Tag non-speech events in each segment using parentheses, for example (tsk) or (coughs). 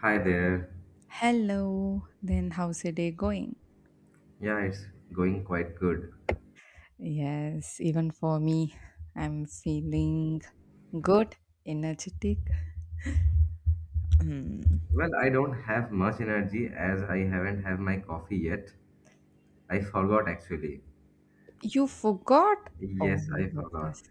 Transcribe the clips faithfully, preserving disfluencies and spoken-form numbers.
Hi there. Hello, then how's your day going? Yeah, it's going quite good. Yes, even for me, I'm feeling good, energetic. Mm. Well, I don't have much energy as I haven't had my coffee yet. I forgot actually. You forgot? Oh Yes, my I forgot. goodness.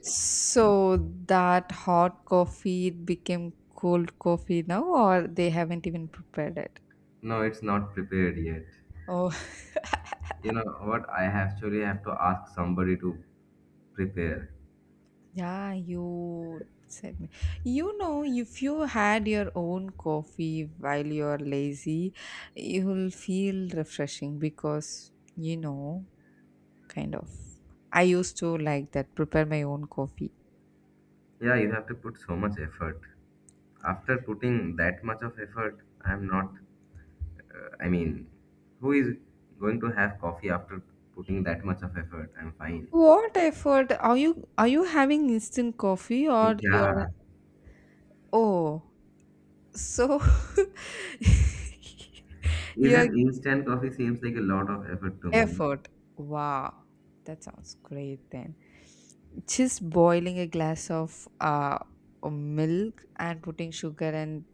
So that hot coffee became cold coffee now, or they haven't even prepared it? No, it's not prepared yet. Oh. You know what? I actually have to ask somebody to prepare. Yeah, you said me. You know, if you had your own coffee while you're lazy, you'll feel refreshing because, you know, kind of. I used to like that, prepare my own coffee. Yeah, you have to put so much effort. After putting that much of effort, I'm not. Uh, I mean, who is going to have coffee after putting that much of effort? I'm fine. What effort are you are you having instant coffee or you're. Yeah, Oh, so (laughs) your even instant coffee seems like a lot of effort to me. You know? effort. Wow, that sounds great then. Just boiling a glass of uh, milk and putting sugar and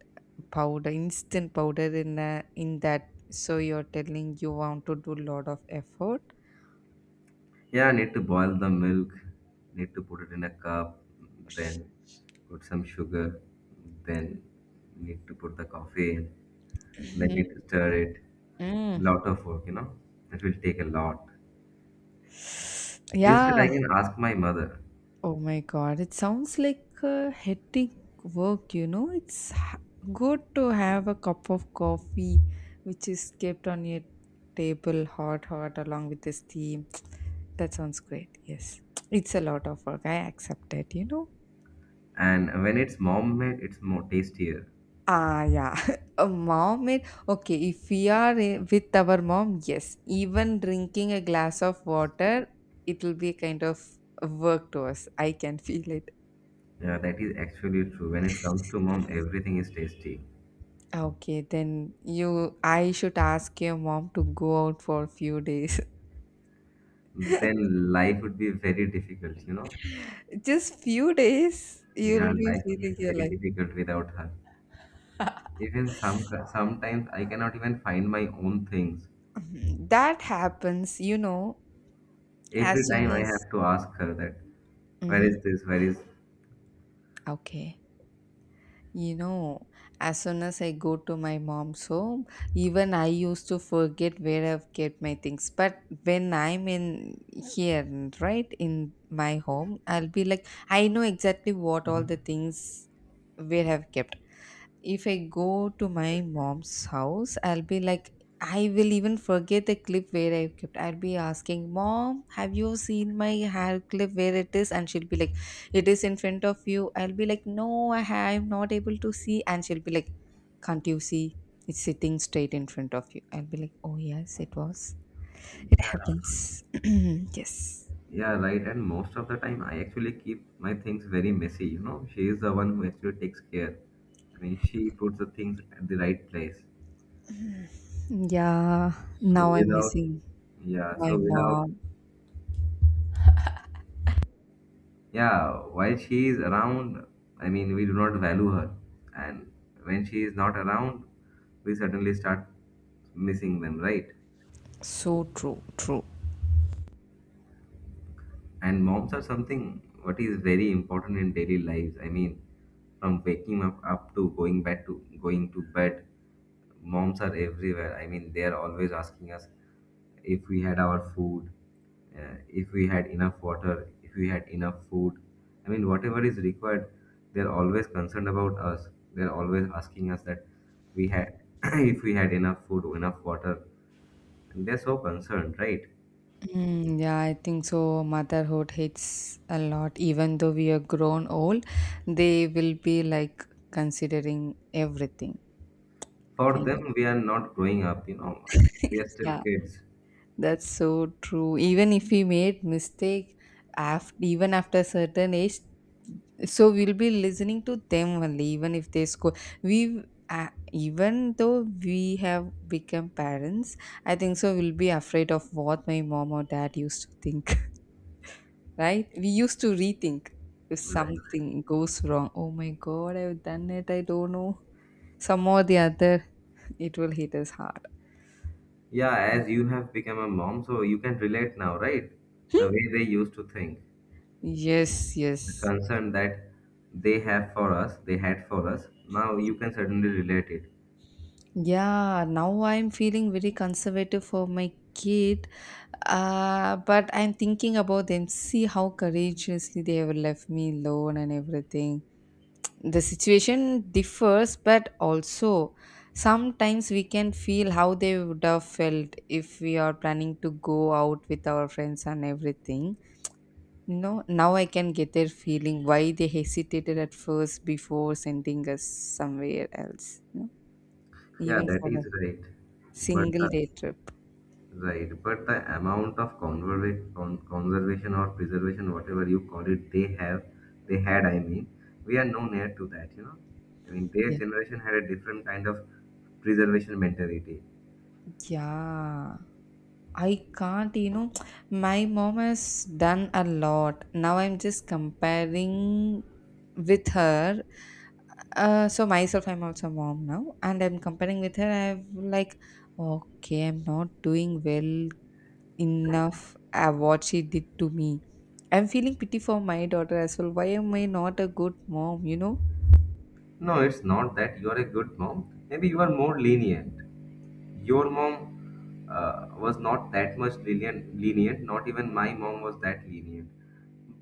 powder instant powder in a, in that, so you're telling you want to do lot of effort. Yeah, I need to boil the milk, need to put it in a cup, Sh- then put some sugar, then need to put the coffee in, then need (clears throat) to stir it. A Mm. lot of work, you know. It will take a lot. Instead, Yeah. I can ask my mother, Oh my God, it sounds like a hectic work, you know. It's h- good to have a cup of coffee which is kept on your table hot, hot along with the steam. (tsk) That sounds great. Yes, (tsk) it's a lot of work. I accept it, you know. and when it's mom made, it's more tastier. Ah, yeah. (laughs) A mom made. Okay, if we are eh, with our mom, yes, even drinking a glass of water, it will be kind of work to us. I can (laughs) feel it. Yeah, that is actually true. When it comes to mom, everything is tasty. Okay, then you I should ask your mom to go out for a few days. Then life would be very difficult, you know. (laughs) Just few days, Yeah, you'll be life would be feeling your very life. difficult without her. (laughs) Even some sometimes I cannot even find my own things. Mhm. That happens, you know, as Every time soon I as. have to ask her that, where Mhm. is this? Where is? Okay. You know, as soon as I go to my mom's home, even I used to forget where I've kept my things. But when I'm in here, right, in my home, I'll be like, I know exactly what all the things where I've kept. If I go to my mom's house, I'll be like, I will even forget the clip where I kept. I'll be asking, Mom, have you seen my hair clip where it is? And she'll be like, it is in front of you. I'll be like, no, I ha- I'm not able to see. And she'll be like, can't you see? It's sitting straight in front of you. I'll be like, oh, yes, it was. It Yeah, happens. (clears throat) Yes. yeah, right. And most of the time, I actually keep my things very messy. You know, she is the one who actually takes care. I mean, she puts the things at the right place. Yeah. So Now I'm without, missing Yeah, my so without, mom. yeah, while she is around, I mean, we do not value her, and when she is not around, we certainly start missing them, right? So true. True. And moms are something what is very important in daily lives. I mean, from waking up up to going back to going to bed, moms are everywhere. I mean, they are always asking us if we had our food, uh, if we had enough water, if we had enough food, I mean whatever is required. They're always concerned about us. They're always asking us that, we had (coughs) (clears throat) if we had enough food, enough water, and they're so concerned, right? Mm, yeah, I think so. Motherhood hits a lot, even though we are grown old, they will be like considering everything, For kind of. them, we are not growing up, you know, we are (laughs) still Yeah, kids. that's so true. Even if we made mistake, after even after certain age, so we'll be listening to them only. Even if they score, we uh, even though we have become parents, I think so. We'll be afraid of what my mom or dad used to think. Right? We used to rethink if Right. something goes wrong. Oh my God, I've done it. I don't know. Some or the other, it will hit us hard. Yeah, as you have become a mom, so you can relate now, right? The way they used to think, Yes, the yes. concern that they have for us, they had for us, now you can certainly relate it. Yeah, now I'm feeling very conservative for my kid. Uh, but I'm thinking about them. See how courageously they have left me alone and everything. The situation differs, but also sometimes we can feel how they would have felt if we are planning to go out with our friends and everything you know Now I can get their feeling why they hesitated at first before sending us somewhere else you know Yeah, Even that for a is right. But single the day trip. Right, but the amount of converva- con- conservation or preservation, whatever you call it, they have, they had, I mean, we are no near to that, you know. I mean, their Yeah, generation had a different kind of preservation mentality. yeah, I can't, you know (tsk) my mom has done a lot. Now I'm just comparing with her. Uh, so myself, I'm also a mom now, and I'm comparing with her. I'm like, okay, I'm not doing well enough at what she did to me. I'm feeling pity for my daughter as well. Why am I not a good mom? You know? No, it's not that you are a good mom. Maybe you are more lenient. Your mom uh, was not that much lenient, lenient. Not even my mom was that lenient.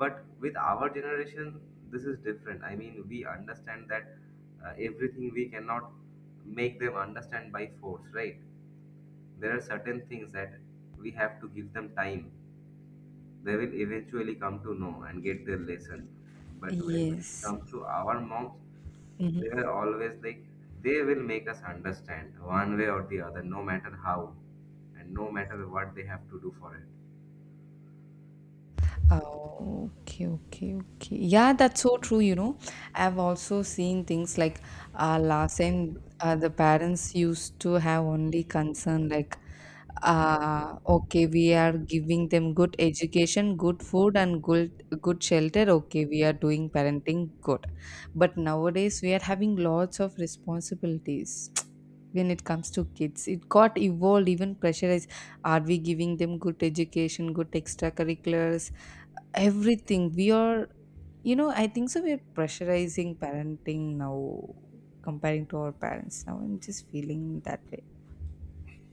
But with our generation, this is different. I mean, we understand that, uh, everything we cannot make them understand by force, right? There are certain things that we have to give them time. They will eventually come to know and get their lesson. But when it Yes. comes to our moms, they are always like, they will make us understand one way or the other, no matter how and no matter what they have to do for it. Oh, okay, okay, okay. Yeah, that's so true, you know. I've also seen things like uh, last time uh, the parents used to have only concern like, uh, okay, we are giving them good education, good food, and good good shelter. Okay, we are doing parenting good. But nowadays we are having lots of responsibilities. When it comes to kids, it got evolved, even pressurized. Are we giving them good education, good extracurriculars, everything we are, you know I think so we're pressurizing parenting now, comparing to our parents. Now I'm just feeling that way.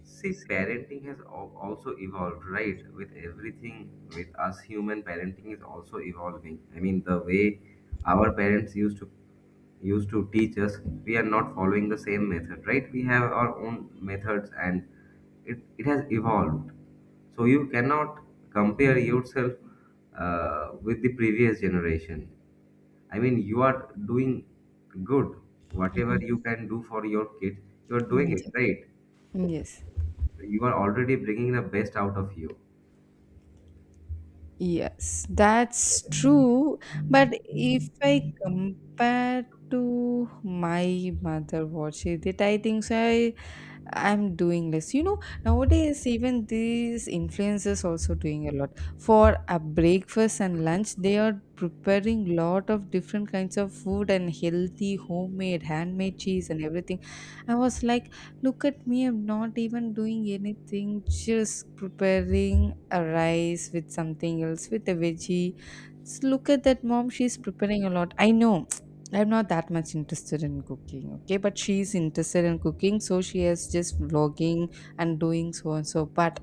See, parenting has al- also evolved, right? With everything, with us human, parenting is also evolving. I mean, the way our parents used to used to teach us, we are not following the same method, right? We have our own methods, and it it has evolved. So you cannot compare yourself, uh, with the previous generation. I mean, you are doing good. Whatever Mhm. you can do for your kids, you are doing it, Yes, right? yes, You are already bringing the best out of you. yes, that's true. But if I compare to my mother what she did, I think so. I'm doing less. You know, nowadays even these influencers also doing a lot. For a breakfast and lunch, they are preparing lot of different kinds of food and healthy, homemade, handmade cheese and everything. I was like, look at me, I'm not even doing anything, just preparing a rice with something else, with a veggie. S- Look at that mom, she's preparing a lot. I know I'm not that much interested in cooking, okay? But she's interested in cooking, so she is just vlogging and doing so and so. But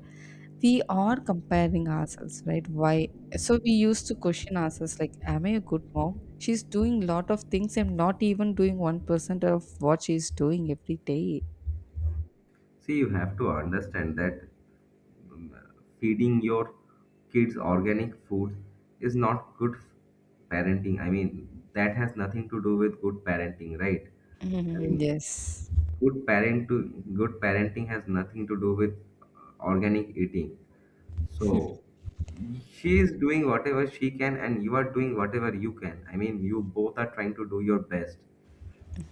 we are comparing ourselves, right? Why? So we used to question ourselves, like, am I a good mom? She's doing lot of things. I'm not even doing one percent of what she's doing every day. See, you have to understand that, um, feeding your kids organic food is not good f- parenting. I mean, that has nothing to do with good parenting, right? I mean, Mhm, yes. good parent to good parenting has nothing to do with, uh, organic eating. So she is doing whatever she can and you are doing whatever you can. I mean, you both are trying to do your best.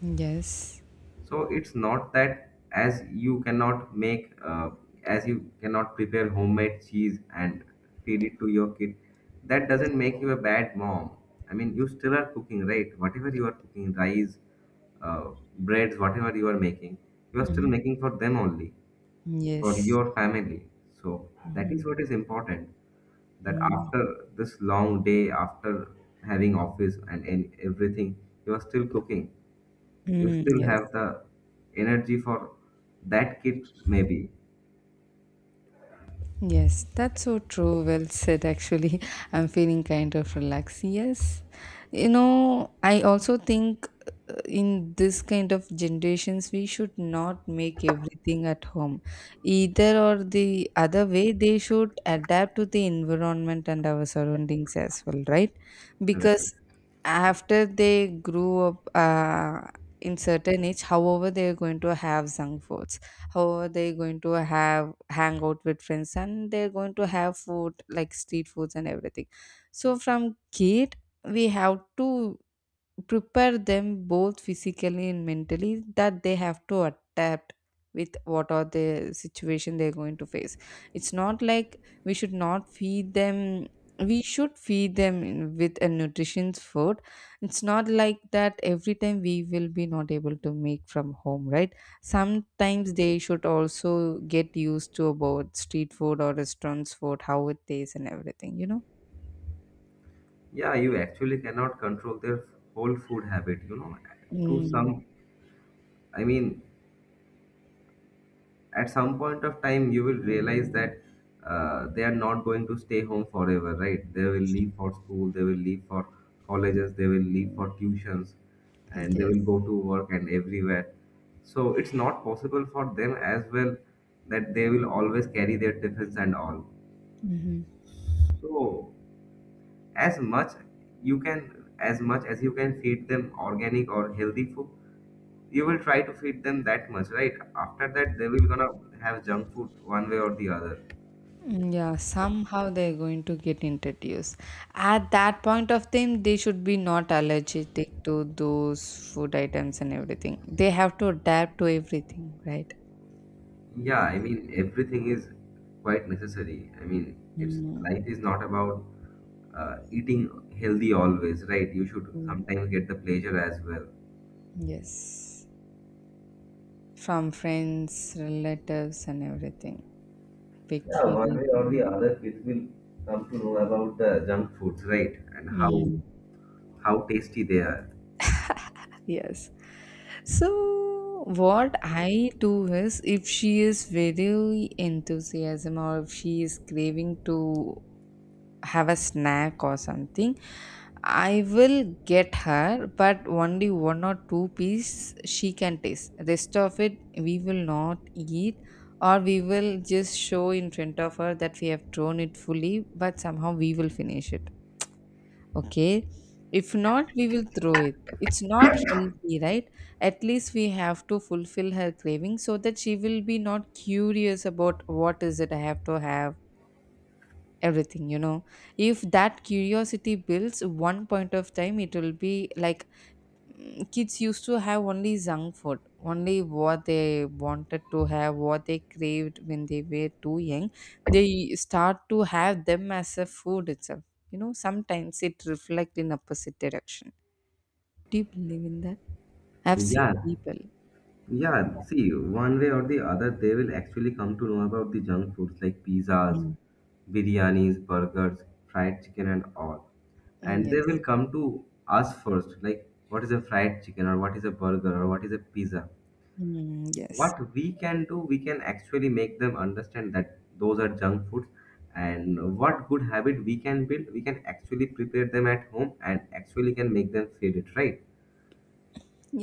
Yes. So it's not that as you cannot make, uh, as you cannot prepare homemade cheese and feed it to your kid, that doesn't make you a bad mom. I mean, you still are cooking, right? Whatever you are cooking, rice, uh, breads, whatever you are making, you are still Mhm. making for them only, for Yes. your family. So that Mhm. is what is important. That Mm, after this long day, after having office and, and everything, you are still cooking. You mm, still yes. have the energy for that kid, maybe, Yes, that's so true. Well said, actually. (laughs) I'm feeling kind of relaxed. Yes. You know, I also think in this kind of generations we should not make everything at home, either or the other way they should adapt to the environment and our surroundings as well, right? Because right? after they grew up, uh, in certain age, however they are going to have junk foods, however they are going to have hang out with friends and they are going to have food like street foods and everything, so from kid we have to prepare them both physically and mentally that they have to adapt with what are the situation they're going to face. It's not like we should not feed them. We should feed them in- with a nutritious food. It's not like that every time we will be not able to make from home, right? Sometimes they should also get used to about street food or restaurants food how it tastes and everything you know Yeah, you actually cannot control their whole food habit, you know. To Mm. some I mean, at some point of time you will realize that, uh, they are not going to stay home forever, right? They will leave for school, they will leave for colleges, they will leave for tuitions, and they will go to work and everywhere. So it's not possible for them as well that they will always carry their tiffins and all. Yes. So as much you can as much as you can feed them organic or healthy food, you will try to feed them that much, right? After that they will gonna have junk food one way or the other. Mm, yeah, somehow they're going to get introduced. At that point of time, they should be not allergic to those food items and everything. They have to adapt to everything, right? Yeah, I mean everything is quite necessary. I mean, it's, Mm, life is not about, uh, eating healthy always, right? You should mm, sometimes get the pleasure as well. yes. From friends, relatives, and everything. Yeah, one Peculiar. way or the other, people will come to know about the junk foods, right? And how Mm, how tasty they are. yes. So, what I do is if she is very enthusiasm or if she is craving to have a snack or something, I will get her. But only one or two piece she can taste, rest of it we will not eat. Or we will just show in front of her that we have thrown it fully, but somehow we will finish it. Okay. If not, we will throw it. It's not healthy, right? At least we have to fulfill her craving so that she will be not curious about what is it I have to have everything you know If that curiosity builds one point of time, it will be like, mm, kids used to have only junk food, only what they wanted to have, what they craved when they were too young, they start to have them as a food itself. you know sometimes it reflects in opposite direction. Do you believe in that? I've Yeah, seen people do yeah. that. See, one way or the other, they will actually come to know about the junk foods like pizzas, Mm. biryanis, burgers, fried chicken, and all. Mm, And they yes. will come to us first, like what is a fried chicken, or what is a burger, or what is a pizza. Mm, yes. What we can do, we can actually make them understand that those are junk foods, and what good habit we can build, we can actually prepare them at home and actually can make them feel it right.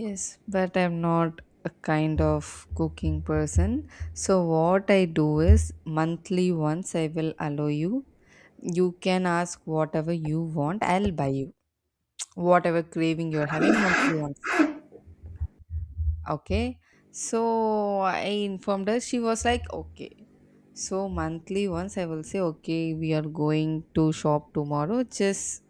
Yes, but I'm not a kind of cooking person. So what I do is monthly once I will allow you. You can ask whatever you want. I'll buy you whatever craving you're having monthly once. Okay. So I informed her. She was like, okay. So monthly once I will say, okay, we are going to shop tomorrow. Just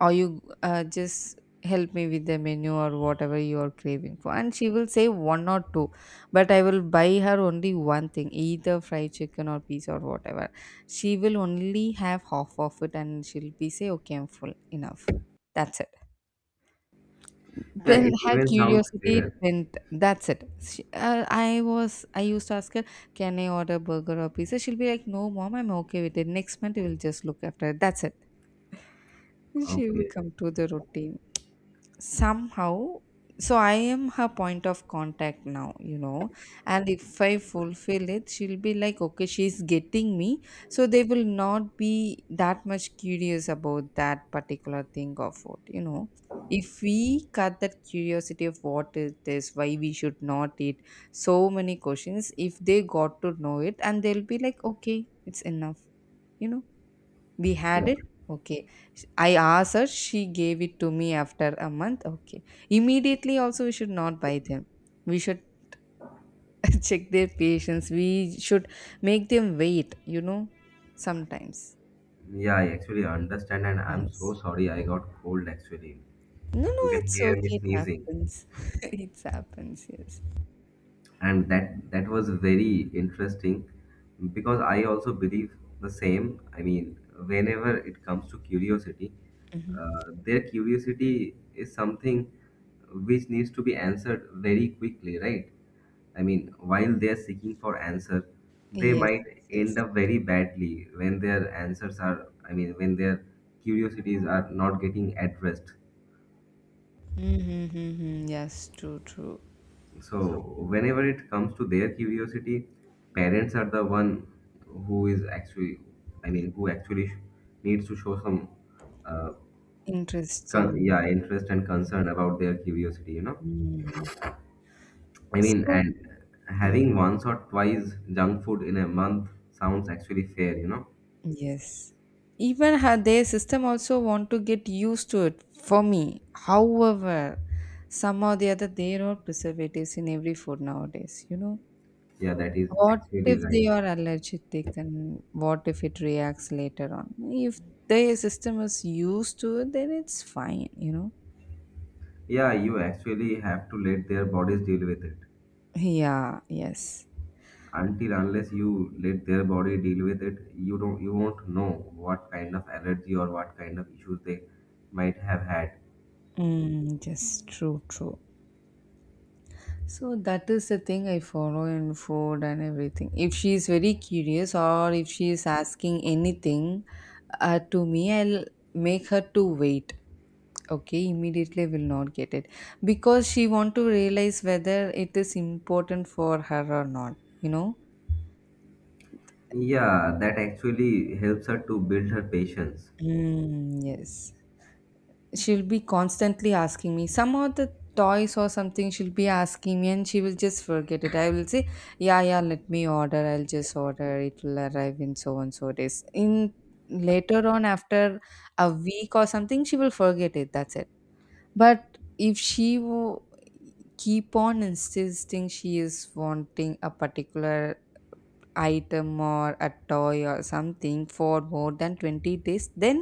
or you uh, just help me with the menu or whatever you are craving for and she will say one or two, but I will buy her only one thing, either fried chicken or pizza or whatever. She will only have half of it and she'll be say, okay, I'm full enough. That's it. Yeah, Then it her even sounds curiosity fair. went, that's it, she, uh, I was I used to ask her, can I order burger or pizza? She'll be like, no mom, I'm okay with it, next month we'll just look after it, that's it. She will Okay. come to the routine somehow. So I am her point of contact now you know And if I fulfill it, she'll be like, okay, she's getting me. So they will not be that much curious about that particular thing of what you know If we cut that curiosity of what is this, why we should not eat, so many questions, if they got to know it, and they'll be like, okay, it's enough. you know we Yeah, had it? Okay. Sh- I asked her, she gave it to me after a month. Okay. Immediately, also, we should not buy them. We should (laughs) check their patience. We should make them wait, you know, sometimes. yeah, I actually understand, and I'm so Yes. sorry I got cold actually. No, no, You can it's hear okay. me It sneezing. happens. (laughs) It happens, yes. And that that was very interesting because I also believe the same. I mean, whenever it comes to curiosity, Hmm. uh, their curiosity is something which needs to be answered very quickly, right? I mean, while they are seeking for answer, they Yes, might yes, end yes. up very badly when their answers are, I mean, when their curiosities are not getting addressed. Mm-hmm, mm-hmm, mm-hmm. Yes, true, true. So whenever it comes to their curiosity, parents are the one who is actually, I mean, who actually sh- needs to show some, uh, con- Interesting. yeah, interest and concern about their curiosity. You know, Mm. I mean, So, and having once or twice junk food in a month sounds actually fair. You know, yes. Even her, their system also want to get used to it for me. However, somehow the other, there are preservatives in every food nowadays, you know. yeah, that is What actually if they right. are allergic and what if it reacts later on? If their system is used to it, then it's fine, you know. Yeah, you actually have to let their bodies deal with it. Yeah, yes. Until unless you let their body deal with it, you don't you won't know what kind of allergy or what kind of issues they might have had. Mm, yes, true, true. So that is the thing I follow in food and everything. If she is very curious or if she is asking anything uh, to me, I'll make her to wait. Okay, immediately will not get it because she want to realize whether it is important for her or not. You know. Yeah, that actually helps her to build her patience. Mm, yes. She'll be constantly asking me some of the toys or something. She'll be asking me and she will just forget it. I will say, yeah, yeah, let me order, I'll just order, it will arrive in so and so days. In later on, after a week or something, she will forget it. That's it. But if she wo- keep on insisting, she is wanting a particular item or a toy or something for more than twenty days, then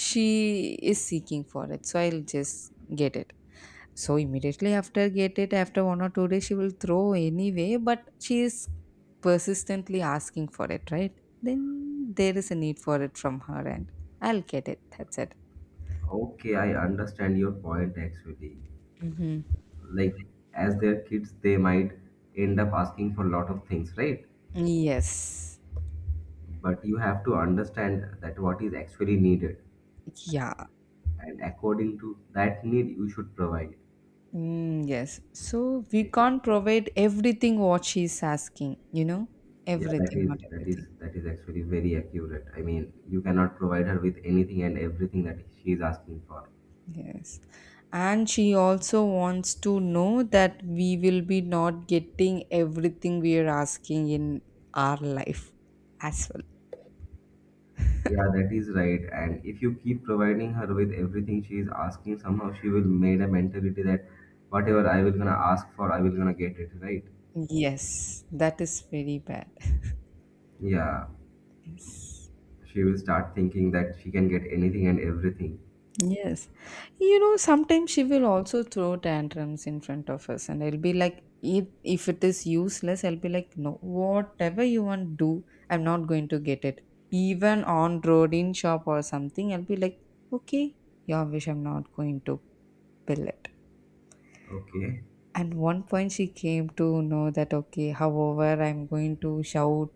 she is seeking for it, so I'll just get it. So immediately after get it, after one or two days she will throw anyway, but she is persistently asking for it, right? Then there is a need for it from her end. I'll get it. That's it. Okay, I understand your point actually. Mm-hmm. Like, as their kids, they might end up asking for a lot of things, right? Yes. But you have to understand that what is actually needed, Yeah. and according to that need you should provide. Mm, yes. So we Okay, can't provide everything what she's asking, you know? yeah, that Everything, is not that is everything. that is actually very accurate. I mean, you cannot provide her with anything and everything that she is asking for. Yes. And she also wants to know that we will be not getting everything we are asking in our life as well. Yeah, that is right. And if you keep providing her with everything she is asking, somehow she will made a mentality that whatever I will gonna ask for, I will gonna get it, right? Yes, that is very bad. Yeah, Yes. she will start thinking that she can get anything and everything. Yes. You know, sometimes she will also throw tantrums in front of us, and I'll be like, if, if it is useless, I'll be like, no, whatever you want, do. I'm not going to get it. Even on road, in shop or something, I'll be like, okay, your wish, I'm not going to pill it. Okay, And one point, she came to know that, okay, however, I'm going to shout,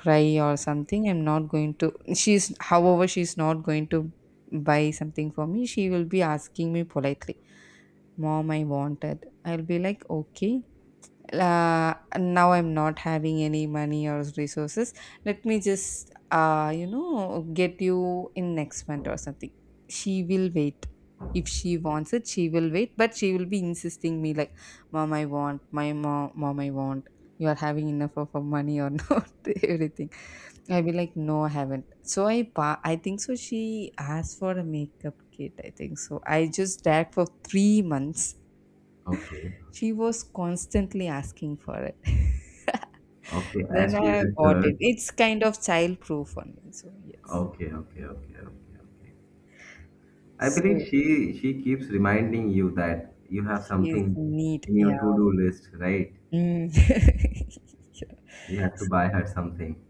cry or something, I'm not going to, she's however she's not going to buy something for me. She will be asking me politely, mom, I want it. I'll be like, okay, uh, now I'm not having any money or resources, let me just uh, you know, get you in next month or something. She will wait. If she wants it she will wait, but she will be insisting me like, mom, I want, my mom, mom, I want, you are having enough of uh, money or (laughs) not, everything. I'll be like no, I haven't. So i pa- I think so she asked for a makeup kit, I think so I just dared for three months. okay, She was constantly asking for it, okay. then As she is I a bought girl. it. It's kind of child-proof only, so yes. Okay, okay, okay, okay, okay. I believe So she she keeps reminding you that you have she's something neat, in yeah. your to-do list, right? Mm. (laughs) Yeah. You have to So- buy her something.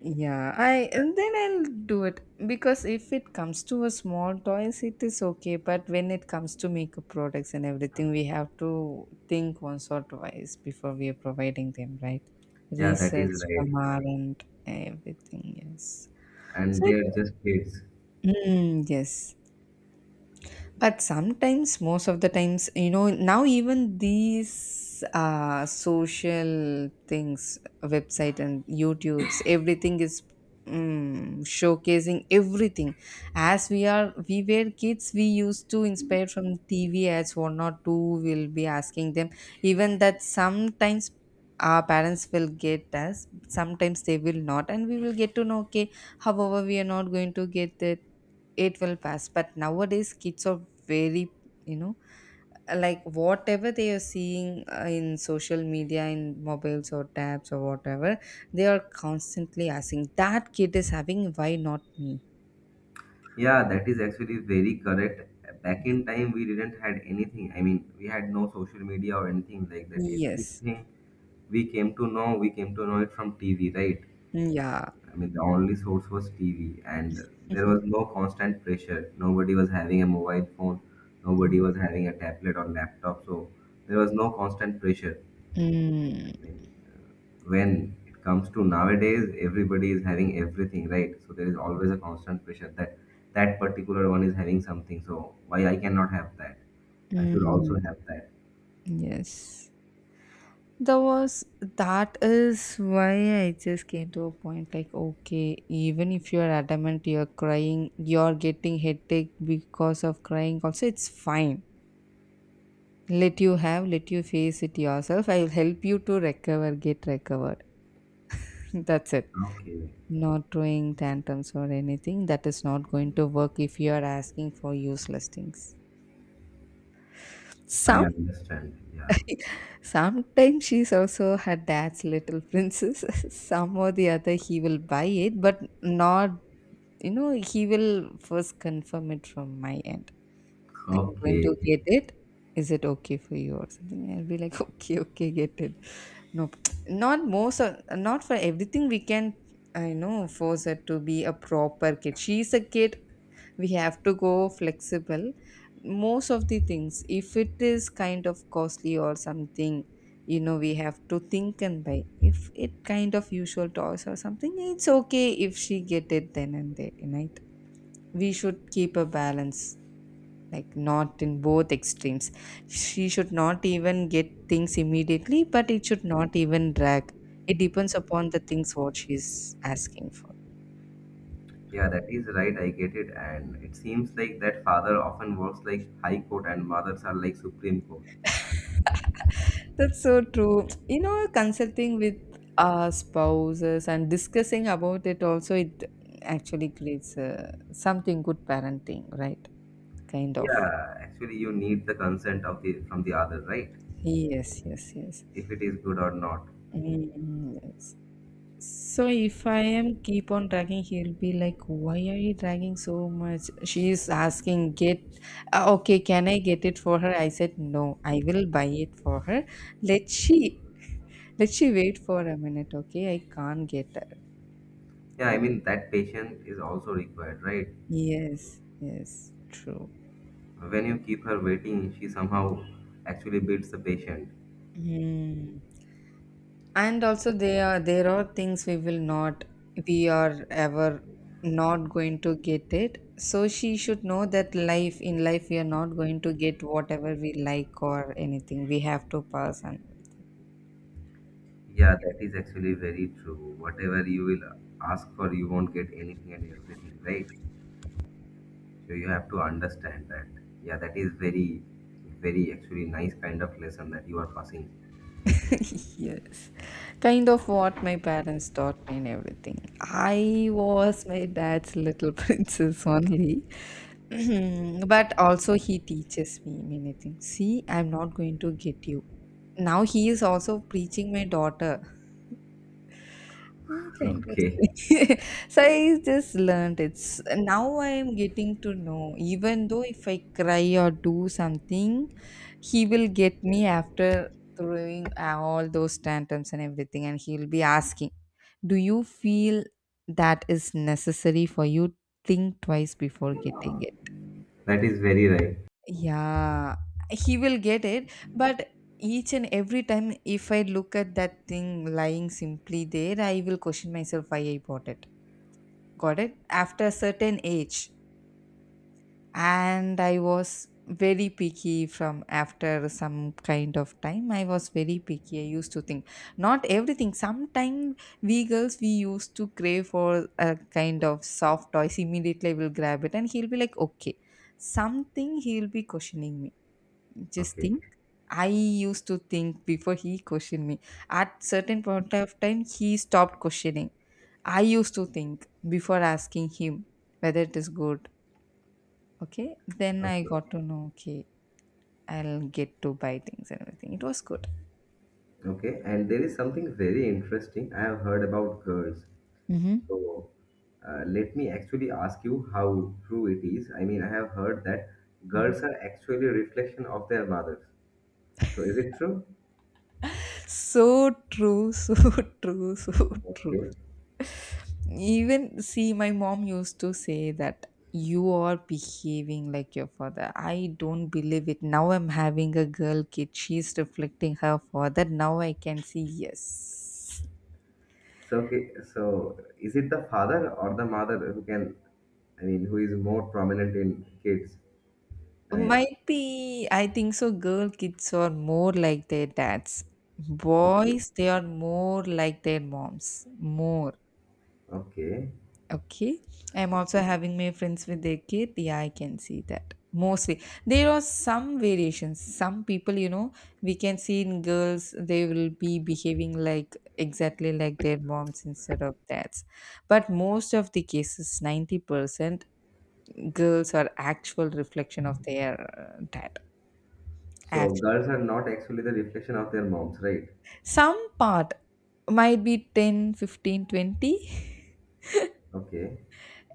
yeah, I, and then I'll do it because if it comes to a small toys, it is okay. But when it comes to makeup products and everything, we have to think once or twice before we are providing them, right? Yeah, that Research is right. from our end, everything, yes. And So they it, are just kids. mm, yes. But sometimes, most of the times, you know, now even these uh, social things, website and YouTube's, everything is mm, showcasing everything. As we are, we were kids, we used to inspire from T V ads, one or two will be asking them. Even that sometimes our parents will get us, sometimes they will not, and we will get to know, okay, however, we are not going to get it. It will pass, but nowadays kids are very, you know, like whatever they are seeing uh, in social media, in mobiles or tabs or whatever, they are constantly asking, that kid is having, why not me? Yeah, that is actually very correct. Back in time, we didn't had anything. I mean, we had no social media or anything like that. Yes. Everything we came to know, we came to know it from T V, right? Mm, yeah. I mean, the only source was T V, and there was (laughs) no constant pressure. Nobody was having a mobile phone, nobody was having a tablet or laptop, so there was no constant pressure. Mm. I mean, when it comes to nowadays, everybody is having everything, right? So there is always a constant pressure that that particular one is having something, so why I cannot have that? I should also Mm. have that. Yes. That was, that is why I just came to a point like okay, even if you're adamant, you're crying, you're getting headache because of crying also, it's fine. Let you have, let you face it yourself. I'll help you to recover, get recovered. (laughs) That's it. Okay, Not throwing tantrums or anything. That is not going to work if you are asking for useless things. I Some understand. Yeah. Sometimes she's also her dad's little princess. (laughs) Some or the other, he will buy it, but not, you know, he will first confirm it from my end. I'm going to Okay. get it. Is it okay for you or something? I'll be like, (laughs) okay, okay, get it. No, not most, of, not for everything we can, I know, force her to be a proper kid. She's a kid. We have to go flexible. Most of the things, if it is kind of costly or something, you know, we have to think and buy. If it kind of usual toys or something, it's okay if she get it then and there, right? We should keep a balance, like, not in both extremes. She should not even get things immediately, but it should not even drag. It depends upon the things what she's asking for. Yeah, that is right. I get it. And it seems like that father often works like High Court and mothers are like Supreme Court. That's so true, you know, consulting with our spouses and discussing about it also, it actually creates uh, something, good parenting, right, kind of. Yeah, actually, you need the consent of the from the other, right? Yes, yes, yes. If it is good or not. Mm, yes. So if I am keep on dragging, he'll be like, "Why are you dragging so much?" She is asking, "Get uh, okay? Can I get it for her?" I said, "No, I will buy it for her. Let she, (laughs) let she wait for a minute, okay? I can't get her." Yeah, I mean that patient is also required, right? Yes, yes, true. When you keep her waiting, she somehow actually beats the patient. Hmm. And also there are there are things we will not, we are ever not going to get it, so she should know that life, in life we are not going to get whatever we like or anything. We have to pass and everything. Yeah, that is actually very true. Whatever you will ask for, you won't get anything and everything, right? So you have to understand that, yeah, that is very very actually nice kind of lesson that you are passing. (laughs) Yes. Kind of what my parents taught me and everything. I was my dad's little (laughs) princess only. (clears throat) But also he teaches me many things, see, I'm not going to get you. Now he is also preaching my daughter. Mm, so (laughs) Okay, interesting. (laughs) So I just learned, it's now I'm getting to know, even though if I cry or do something, he will get me after throwing uh, all those tantrums and everything, and he'll be asking, do you feel that is necessary for you? Think twice before getting it. that is very right. Yeah, he will get it, but each and every time if I look at that thing lying simply there, I will question myself why I bought it. Got it after a certain age. And I was very picky. From after some kind of time I was very picky. I used to think, not everything, sometimes we girls, we used to crave for a kind of soft toys. Immediately I will grab it and he'll be like, okay, something, he'll be questioning me, just Okay, think. I used to think before he questioned me. At certain point of time he stopped questioning. I used to think before asking him whether it is good. Okay. Then I okay, got to know, okay, I'll get to buy things and everything. It was good. okay. And there is something very interesting I have heard about girls. Hmm. So, uh, let me actually ask you how true it is. I mean, I have heard that girls Hmm. are actually a reflection of their mothers. So is it true? So true, so (laughs) true, so true. Okay. Even see, my mom used to say that you are behaving like your father. I don't believe it. Now I'm having a girl kid. She's reflecting her father. Now I can see, yes. So, okay, so is it the father or the mother who can, I mean, who is more prominent in kids? I mean, Might be, I think so. Girl kids are more like their dads. okay, Boys, they are more like their moms. More. okay. Okay. I'm also having my friends with their kid. Yeah, I can see that. Mostly. There are some variations. Some people, you know, we can see in girls, they will be behaving like exactly like their moms instead of dads. But most of the cases, ninety percent, girls are actual reflection of their uh, dad. So Actual, girls are not actually the reflection of their moms, right? some part might be ten, fifteen, twenty, Okay,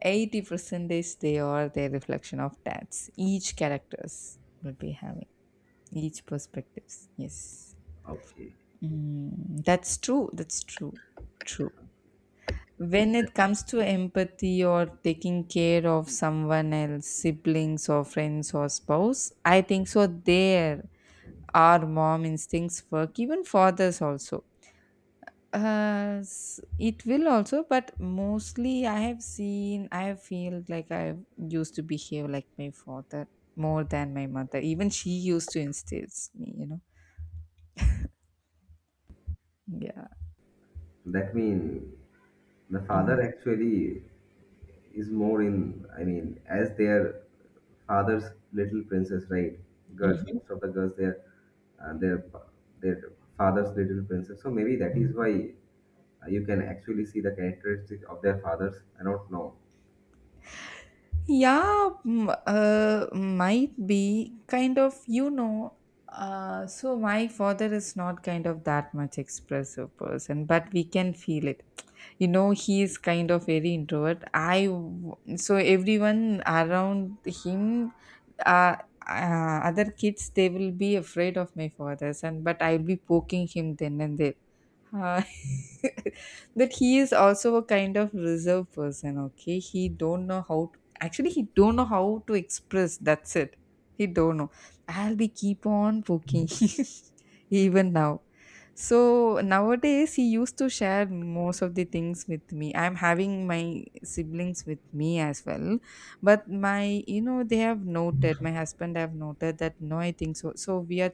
eighty, 15 20 percentage, they are their reflection of, that's, each characters will be having each perspectives, yes. okay. Mm, that's true, that's true, true. When it comes to empathy or taking care of someone else, siblings or friends or spouse, I think so there our mom instincts work. Even fathers also. Uh, s- it will also, but mostly I have seen, I have feel like I used to behave like my father more than my mother. Even she used to instill me, you know. Yeah. That means the father actually is more in, I mean, as their father's little princess, right? Girls, most of the girls, they're, uh, their their father's little princess. So maybe that is why Uh, you can actually see the characteristics of their fathers. I don't know. Yeah, mm, uh, might be kind of, you know. Uh, so my father is not kind of that much expressive person, but we can feel it. You know, he is kind of very introvert. I w- so everyone around him, uh, uh, other kids, they will be afraid of my father, son, but I'll be poking him then and there. Uh, (laughs) but he is also a kind of reserved person, okay. He don't know how to, actually he don't know how to express. That's it. He don't know. I'll be keep on poking. (laughs) Even now, so nowadays he used to share most of the things with me. I'm having my siblings with me as well. But my, you know, they have noted, my husband have noted that no, I think so, so we are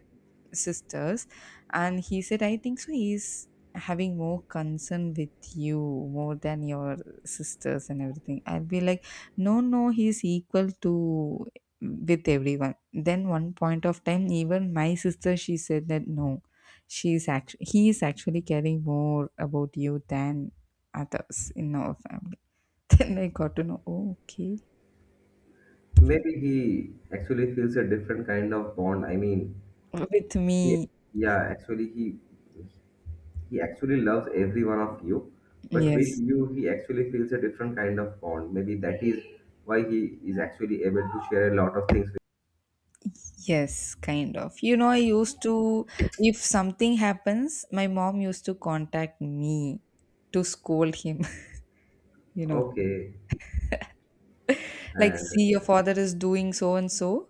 sisters, and he said, I think so he's having more concern with you more than your sisters and everything. I'll be like, no, no, he's equal to with everyone. Then one point of time, even my sister, she said that no, she's actually he is actually caring more about you than others in our family. (laughs) Then I got to know, oh, okay. Maybe he actually feels a different kind of bond. I mean, With he, me, yeah, actually he he actually loves every one of you, but with yes. you he actually feels a different kind of bond. Maybe that is why he is actually able to share a lot of things with. Yes, kind of. You know, I used to, if something happens, my mom used to contact me to scold him, (laughs) you know. Okay, I Like, see, your understand. father is doing so and so,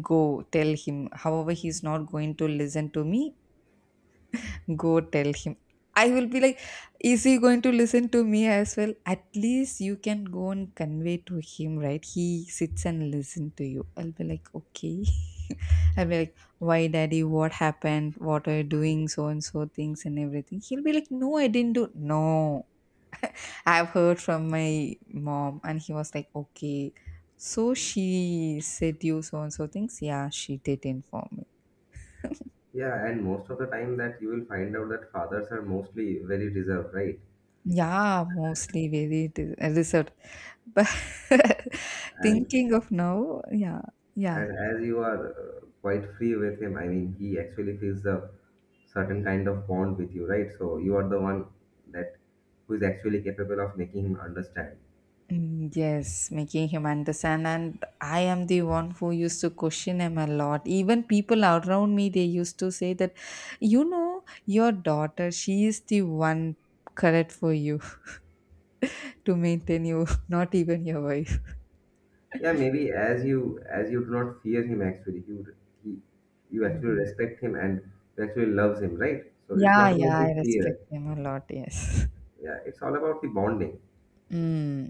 go tell him. However, he's not going to listen to me, go tell him. I will be like, is he going to listen to me as well? At least you can go and convey to him, right? He sits and listen to you. I'll be like, okay. I'll be like, why daddy, what happened? What are you doing? So and so things and everything. He'll be like, no, I didn't do. No, I've heard from my mom. And he was like, okay. So she said you so and so things. Yeah, she did inform me. Yeah, and most of the time that you will find out that fathers are mostly very reserved, right? Yeah, mostly very dis- uh, reserved. (laughs) But And thinking of now, yeah, yeah. And as you are uh, quite free with him, I mean, he actually feels a certain kind of bond with you, right? So you are the one that who is actually capable of making him understand. Mm, yes, making him understand. And I am the one who used to question him a lot. Even people around me, they used to say that, you know, your daughter, she is the one correct for you (laughs) to maintain you, (laughs) not even your wife. Yeah, maybe as you as you do not fear him, actually, you he, you actually Mhm. respect him and you actually loves him, right? So it's Yeah, not about yeah, the I respect fear. him a lot. Yes. Yeah, it's all about the bonding. Mm,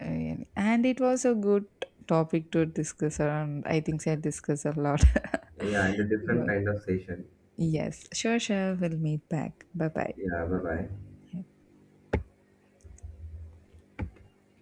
really. And it was a good topic to discuss around. I think I discussed a lot. (laughs) Yeah, and a It different was. kind of session. Yes, sure, sure. We'll meet back. Bye bye. Yeah, bye bye.